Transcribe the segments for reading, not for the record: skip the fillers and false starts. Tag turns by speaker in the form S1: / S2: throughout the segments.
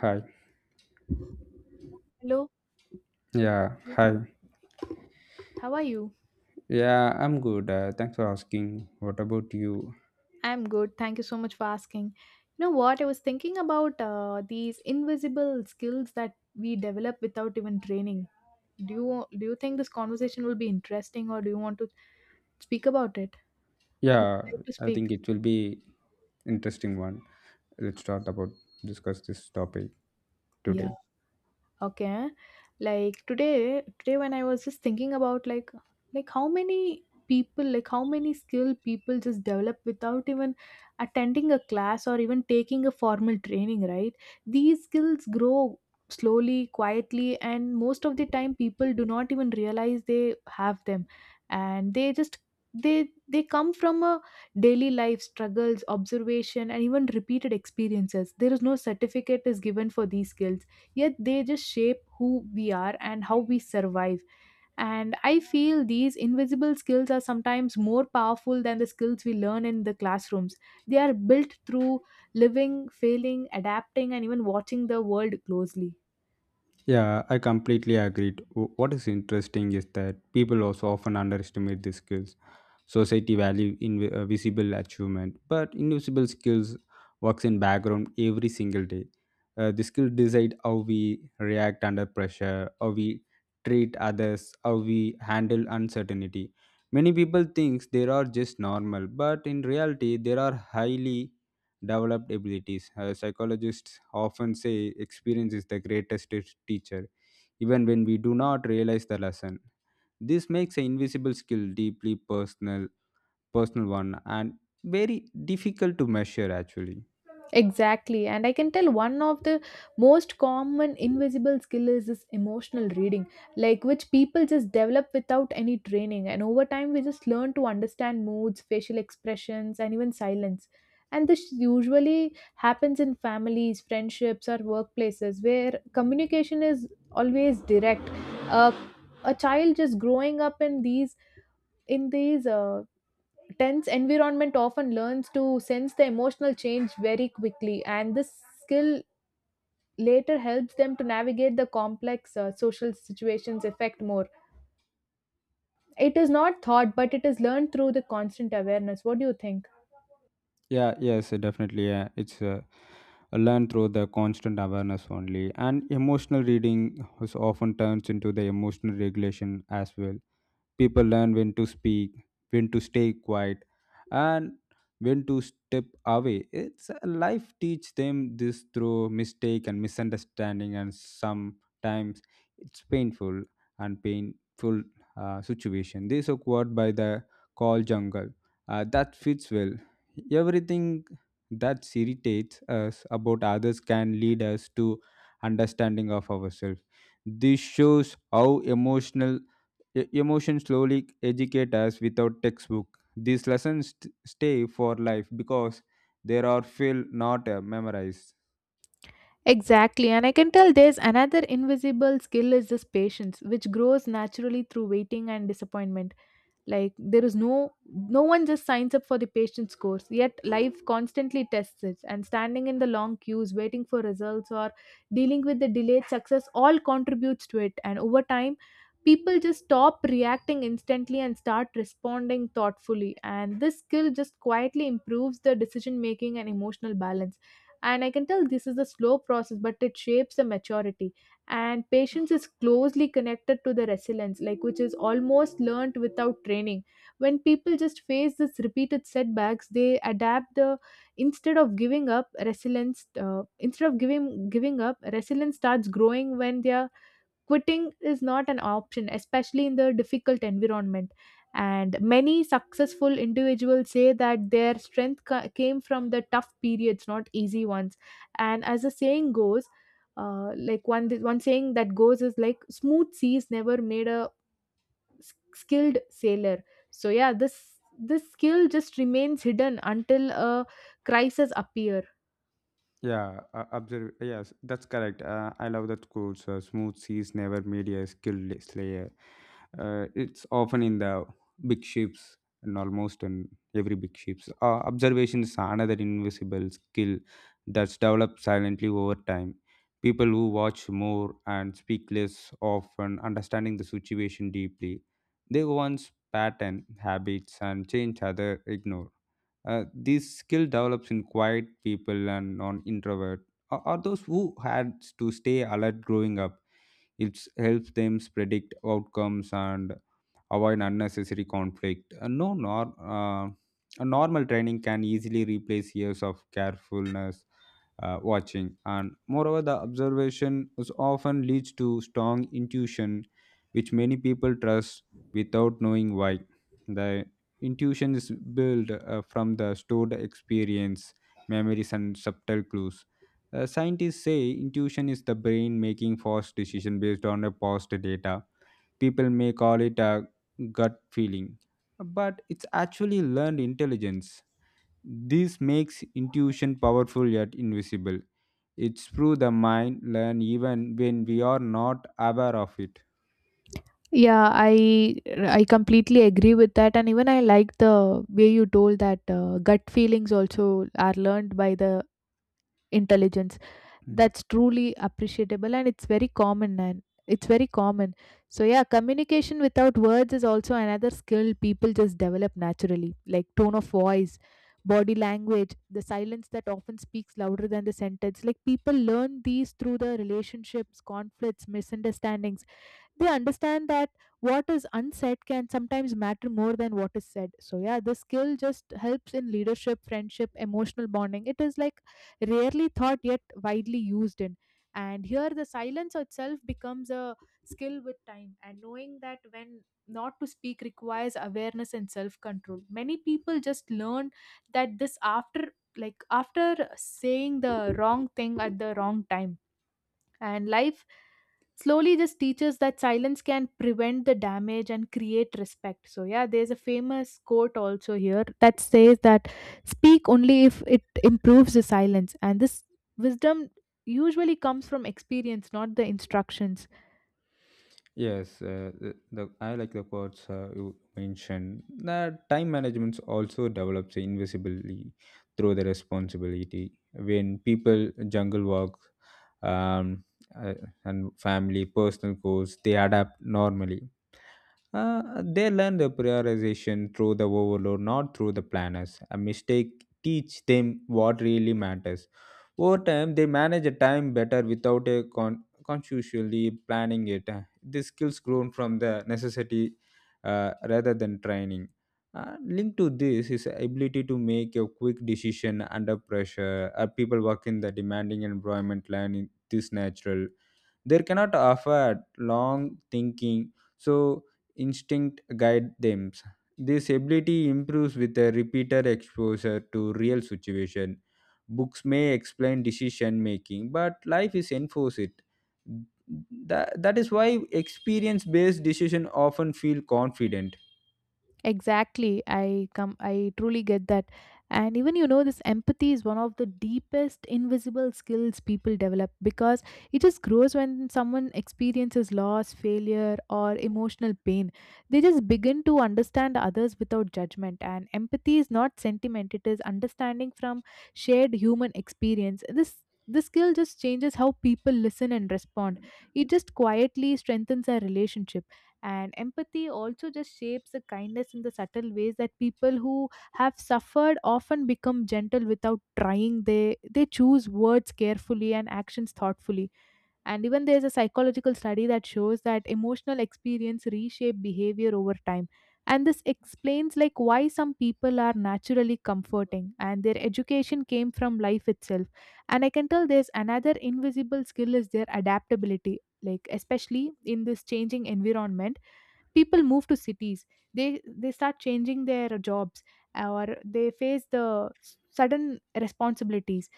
S1: Hi.
S2: Hello,
S1: Yeah. Hi.
S2: how are you?
S1: Yeah, I'm good. Thanks for asking. What about you?
S2: I'm good. Thank you so much for asking. You know what? I was thinking about these invisible skills that we develop without even training. Do do you think this conversation will be interesting, or do you want to speak about it? Would
S1: Yeah,
S2: you like to
S1: I
S2: speak?
S1: think it will be interesting one. Let's start about discuss this topic
S2: Yeah.
S1: today.
S2: Okay. Like today, when I was just thinking about like how many people, like how many skilled people just develop without even attending a class or even taking a formal training, right? These skills grow slowly, quietly, and most of the time people do not even realize they have them. And they just they come from a daily life struggles observation and even repeated experiences, there is no certificate is given for these skills, yet they just shape who we are and how we survive. And I feel these invisible skills are sometimes more powerful than the skills we learn in the classrooms. They are built through living, failing, adapting, and even watching the world closely.
S1: Yeah, I completely agreed. What is interesting is that people also often underestimate these skills. Society value in visible achievement, but invisible skills works in background every single day. The skill decide how we react under pressure, how we treat others, how we handle uncertainty. Many people think they are just normal, but in reality, there are highly developed abilities. Psychologists often say experience is the greatest teacher, even when we do not realize the lesson. This makes an invisible skill deeply personal one and very difficult to measure actually.
S2: Exactly. And I can tell one of the most common invisible skill is this emotional reading, like which people just develop without any training. And over time, we just learn to understand moods, facial expressions, and even silence. And this usually happens in families, friendships, or workplaces where communication is always direct. Uh, a child just growing up in these tense environment often learns to sense the emotional change very quickly, and this skill later helps them to navigate the complex social situations effect more. It is not thought, but it is learned through the constant awareness. What do you think?
S1: Yeah, yes, definitely, yeah, it's learned through the constant awareness only, and emotional reading is often turns into the emotional regulation as well. People learn when to speak, when to stay quiet, and when to step away. It's life teach them this through mistake and misunderstanding, and sometimes it's painful situation. This occurred by the call jungle. That fits well. Everything that irritates us about others can lead us to understanding of ourselves. This shows how emotion slowly educate us without textbook. These lessons stay for life because they are feel not memorized.
S2: Exactly, and I can tell there's another invisible skill is this patience, which grows naturally through waiting and disappointment. Like there is no one just signs up for the patient's course, yet life constantly tests it, and standing in the long queues, waiting for results or dealing with the delayed success all contributes to it. And over time people just stop reacting instantly and start responding thoughtfully, and this skill just quietly improves the decision making and emotional balance. And I can tell this is a slow process, but it shapes the maturity. And patience is closely connected to the resilience, like which is almost learned without training. When people just face this repeated setbacks they adapt the, instead of giving up resilience, instead of giving up, resilience starts growing when they are quitting is not an option, especially in the difficult environment. And many successful individuals say that their strength came from the tough periods, not easy ones. And as the saying goes, like one saying that goes is like smooth seas never made a skilled sailor. So yeah, this skill just remains hidden until a crisis appear.
S1: Yeah, observe. Yes, that's correct. I love that quote. So, smooth seas never made a skilled slayer. It's often in the big ships and almost in every big ships. Observation is another invisible skill that's developed silently over time. People who watch more and speak less often understanding the situation deeply. They once pattern habits and change other ignore. This skill develops in quiet people and non-introvert, or those who had to stay alert growing up. It helps them predict outcomes and avoid unnecessary conflict. No, nor, a normal training can easily replace years of carefulness watching, and moreover, the observation is often leads to strong intuition, which many people trust without knowing why. The intuition is built from the stored experience, memories, and subtle clues. Scientists say intuition is the brain making fast decision based on a past data. People may call it a gut feeling, but it's actually learned intelligence. This makes intuition powerful yet invisible. It's through the mind learn even when we are not aware of it.
S2: Yeah, I completely agree with that, and even I like the way you told that gut feelings also are learned by the intelligence.
S1: Hmm.
S2: That's truly appreciable, and it's very common, and it's very common. So yeah, communication without words is also another skill people just develop naturally, like tone of voice, body language, the silence that often speaks louder than the sentence. Like people learn these through the relationships, conflicts, misunderstandings. They understand that what is unsaid can sometimes matter more than what is said. So yeah, this skill just helps in leadership, friendship, emotional bonding. It is like rarely thought yet widely used in, and here the silence itself becomes a skill with time, and knowing that when not to speak requires awareness and self control. Many people just learn that this after like after saying the wrong thing at the wrong time, and life slowly just teaches that silence can prevent the damage and create respect. So yeah, there's a famous quote also here that says that speak only if it improves the silence, and this wisdom usually comes from experience, not the instructions.
S1: Yes, the I like the quotes you mentioned. That time management also develops invisibly through the responsibility. When people jungle work, um, uh, and family personal goals, they adapt normally. They learn the prioritization through the overload, not through the planners. A mistake teach them what really matters. Over time, they manage a time better without a consciously planning it. The skills grown from the necessity rather than training. Linked to this is ability to make a quick decision under pressure. People work in the demanding environment learning this natural. They cannot afford long thinking, so instinct guide them. This ability improves with a repeated exposure to real situation. Books may explain decision making but life is enforce it. That is why experience based decision often feel confident.
S2: Exactly. I truly get that. And even you know this empathy is one of the deepest invisible skills people develop, because it just grows when someone experiences loss, failure or emotional pain. They just begin to understand others without judgment, and empathy is not sentiment, it is understanding from shared human experience. This skill just changes how people listen and respond. It just quietly strengthens our relationship. And empathy also just shapes the kindness in the subtle ways that people who have suffered often become gentle without trying. They choose words carefully and actions thoughtfully, and even there's a psychological study that shows that emotional experience reshape behavior over time. And this explains like why some people are naturally comforting, and their education came from life itself. And I can tell there's another invisible skill is their adaptability, like especially in this changing environment, people move to cities, they start changing their jobs, or they face the sudden responsibilities.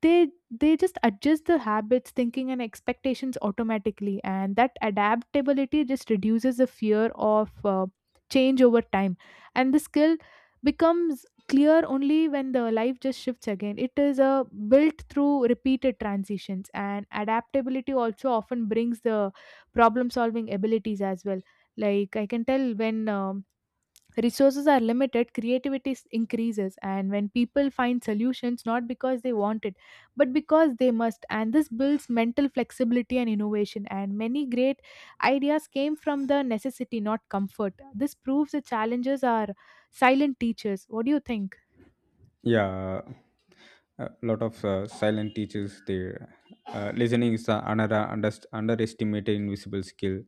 S2: they they just adjust the habits, thinking and expectations automatically, and that adaptability just reduces the fear of change over time. And the skill becomes clear only when the life just shifts again. It is a built through repeated transitions, and adaptability also often brings the problem solving abilities as well. Like I can tell when resources are limited, creativity increases, and when people find solutions not because they want it, but because they must, and this builds mental flexibility and innovation. And many great ideas came from the necessity, not comfort. This proves that challenges are silent teachers. What do you think?
S1: Yeah, a lot of silent teachers there. Listening is another underestimated invisible skill.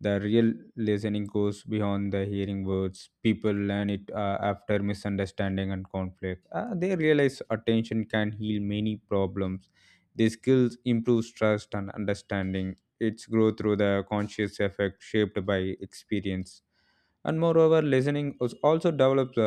S1: The real listening goes beyond the hearing words. People learn it after misunderstanding and conflict. They realize attention can heal many problems. These skills improves trust and understanding. Its growth through the conscious effect shaped by experience. And moreover, listening is also develops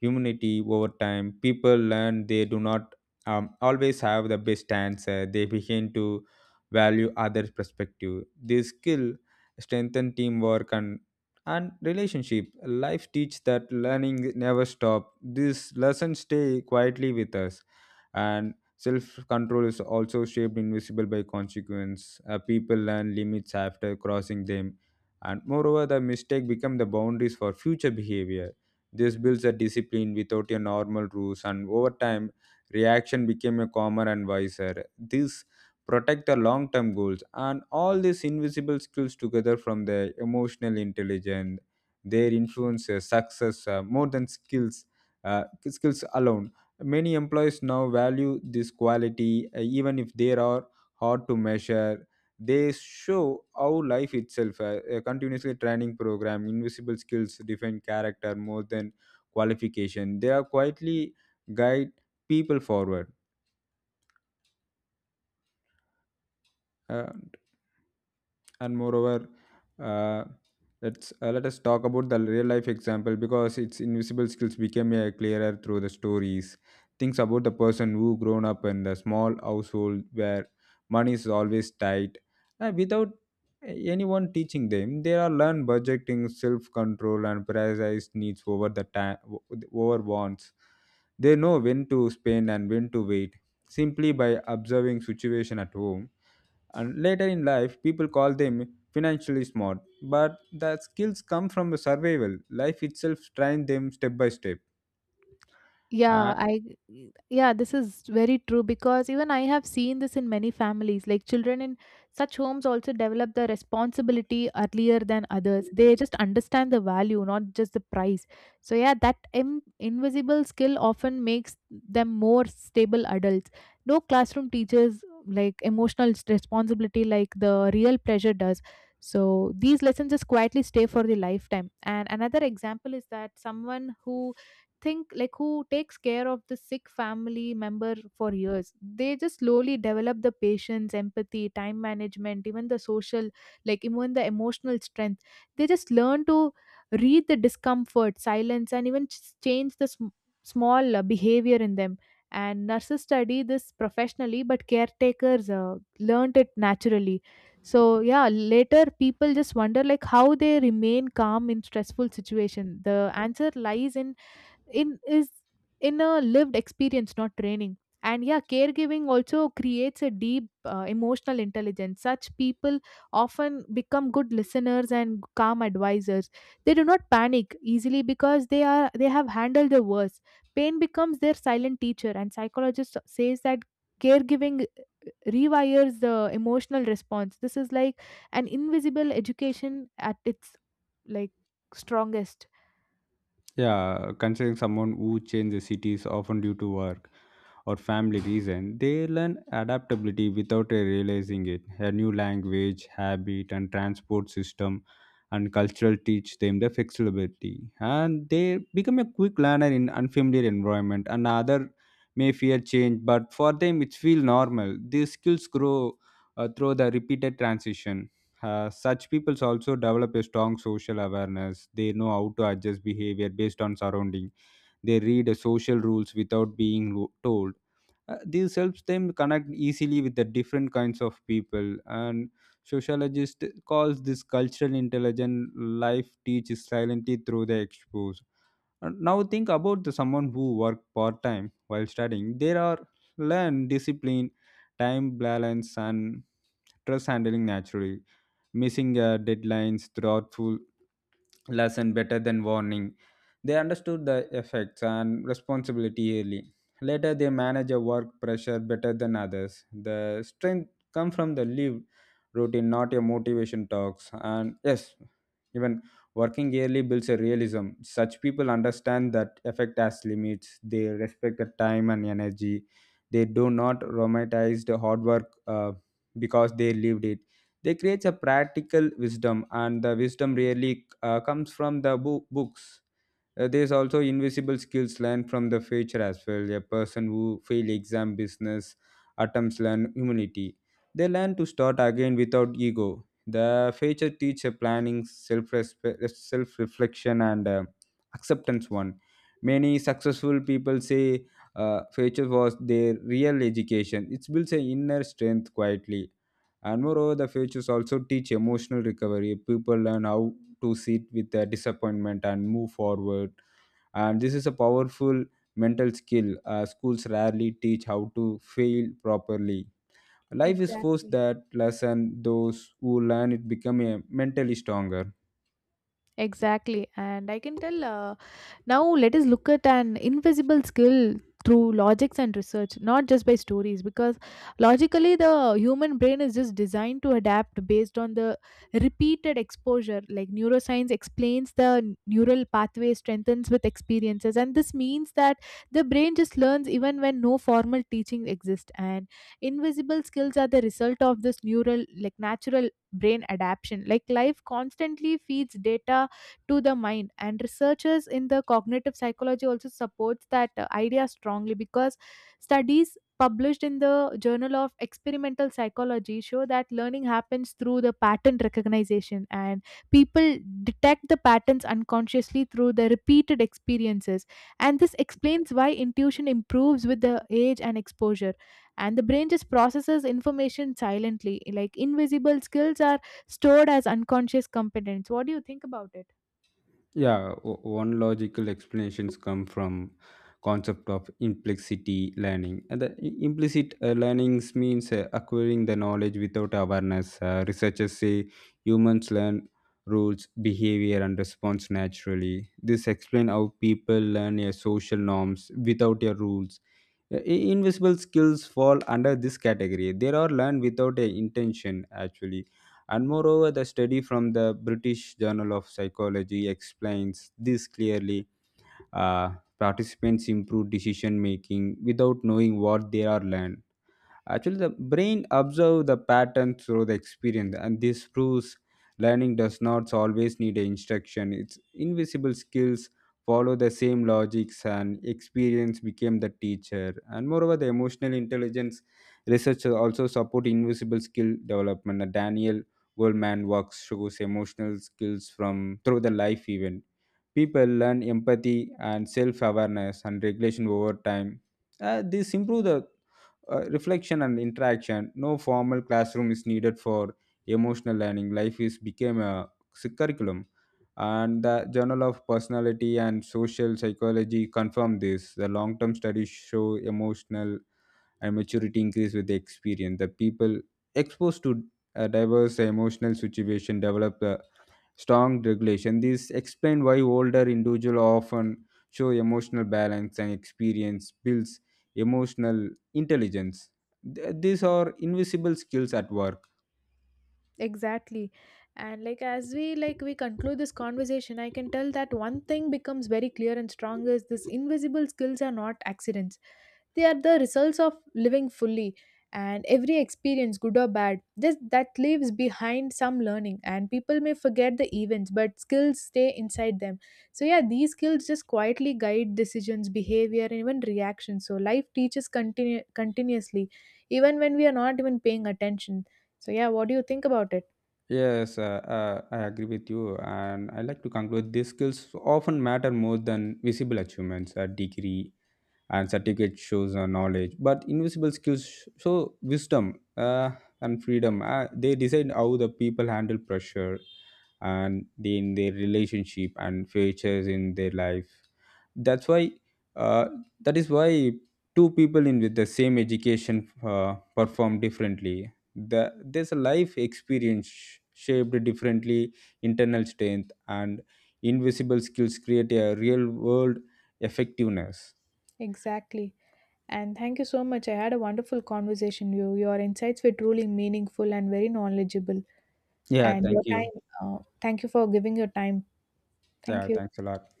S1: humanity over time. People learn they do not always have the best answer. They begin to value others perspective. This skill strengthen teamwork and relationship. Life teach that learning never stop. These lessons stay quietly with us. And self control is also shaped invisible by consequence. People learn limits after crossing them, and moreover the mistake become the boundaries for future behavior. This builds a discipline without a normal rules, and over time, reaction became a calmer and wiser. This protect the long-term goals, and all these invisible skills together from the emotional intelligence, their influence, success more than uh, skills alone. Many employees now value this quality, even if they are hard to measure. They show how life itself a continuously training program. Invisible skills define character more than qualification. They are quietly guide people forward. Uh, and moreover, uh, let us talk about the real life example, because its invisible skills became clearer through the stories. Things about the person who grown up in the small household where money is always tight. Without anyone teaching them, they are learn budgeting, self control, and prioritize needs over the time over wants. They know when to spend and when to wait, simply by observing situation at home. And later in life, people call them financially smart, but the skills come from the survival. Life itself trained them step by step.
S2: Yeah, I yeah, this is very true because even I have seen this in many families. Like children in such homes also develop the responsibility earlier than others. They just understand the value, not just the price. So yeah, that invisible skill often makes them more stable adults. No classroom teaches like emotional responsibility like the real pressure does. So these lessons just quietly stay for the lifetime. And another example is that someone who think like who takes care of the sick family member for years, they just slowly develop the patience, empathy, time management, even the social, like even the emotional strength. They just learn to read the discomfort silence, and even change the small behavior in them. And nurses study this professionally, but caretakers learned it naturally. So yeah, later people just wonder like how they remain calm in stressful situation. The answer lies in is in a lived experience, not training. And yeah, caregiving also creates a deep emotional intelligence. Such people often become good listeners and calm advisors. They do not panic easily because they have handled the worst. Pain becomes their silent teacher, and psychologist says that caregiving rewires the emotional response. This is like an invisible education at its like strongest.
S1: Yeah, considering someone who changes cities often due to work or family reason, they learn adaptability without realizing it. A new language, habit, and transport system and cultural teach them the flexibility, and they become a quick learner in unfamiliar environment. And other may fear change, but for them it feels normal. These skills grow through the repeated transition. Such peoples also develop a strong social awareness. They know how to adjust behavior based on surrounding. They read social rules without being told. This helps them connect easily with the different kinds of people. And sociologist calls this cultural intelligence. Life teaches silently through the expose. And now think about the someone who work part time while studying. There are learn discipline, time balance, and stress handling naturally. Missing deadlines, thoughtful lesson better than warning. They understood the effects and responsibility early. Later, they managed a work pressure better than others. The strength come from the lived routine, not your motivation talks. And yes, even working early builds a realism. Such people understand that effect has limits. They respect the time and energy. They do not romanticize the hard work because they lived it. They create a practical wisdom, and the wisdom really comes from the books. There's also invisible skills learned from the future as well. A person who fail exam business attempts learn humility. They learn to start again without ego. The future teacher planning, self reflection, and acceptance. One many successful people say future was their real education. It builds an inner strength quietly. And moreover, the futures also teach emotional recovery. People learn how to sit with their disappointment and move forward. And this is a powerful mental skill. Schools rarely teach how to fail properly. Life is forced
S2: Exactly.
S1: that lesson. Those who learn it become a mentally stronger.
S2: Exactly. And I can tell now let us look at an invisible skill through logics and research, not just by stories, because logically the human brain is just designed to adapt based on the repeated exposure. Like neuroscience explains the neural pathway strengthens with experiences. And this means that the brain just learns even when no formal teaching exists. And invisible skills are the result of this neural, like natural brain adaptation. Like life constantly feeds data to the mind, and researchers in the cognitive psychology also supports that idea strongly, because studies published in the journal of experimental psychology show that learning happens through the pattern recognition, and people detect the patterns unconsciously through the repeated experiences. And this explains why intuition improves with the age and exposure, and the brain just processes information silently. Like invisible skills are stored as unconscious competence. What do you think about it?
S1: Yeah, one logical explanations come from concept of implicit learning. And the implicit learnings means acquiring the knowledge without awareness. Researchers say humans learn rules, behavior, and response naturally. This explains how people learn social norms without your rules. Invisible skills fall under this category. They are learned without a intention actually. And moreover, the study from the British Journal of Psychology explains this clearly. Uh, Participants improve decision making without knowing what they are learned. Actually, the brain observes the pattern through the experience, and this proves learning does not always need a instruction. Its invisible skills follow the same logics, and experience became the teacher. And moreover, the emotional intelligence research also support invisible skill development. Daniel Goleman works shows emotional skills from through the life event. People learn empathy and self-awareness and regulation over time. This improve the reflection and interaction. No formal classroom is needed for emotional learning. Life is became a curriculum. And the journal of personality and social psychology confirm this. The long-term studies show emotional and maturity increase with the experience. The people exposed to a diverse emotional situation develop the strong regulation. This explains why older individuals often show emotional balance, and experience builds emotional intelligence. These are invisible skills at work.
S2: Exactly. And like as we like we conclude this conversation. I can tell that one thing becomes very clear and strong is this invisible skills are not accidents. They are the results of living fully, and every experience, good or bad, that leaves behind some learning. And people may forget the events, but skills stay inside them. So, yeah, these skills just quietly guide decisions, behavior, and even reactions. So, life teaches continuously, even when we are not even paying attention. So, yeah, what do you think about it?
S1: Yes, I agree with you, and I like to conclude these skills often matter more than visible achievements. A degree and certificate shows knowledge, but invisible skills show wisdom and freedom. They decide how the people handle pressure and in their relationship and features in their life. that's why uh, that is why two people in with the same education perform differently. There's a life experience shaped differently. Internal strength and invisible skills create a real world effectiveness.
S2: Exactly. And thank you so much. I had a wonderful conversation with you. Your insights were truly meaningful and very knowledgeable.
S1: Yeah,
S2: And
S1: thank
S2: your
S1: you.
S2: time. Thank you for giving your time.
S1: Yeah,
S2: Thank you.
S1: thanks a lot.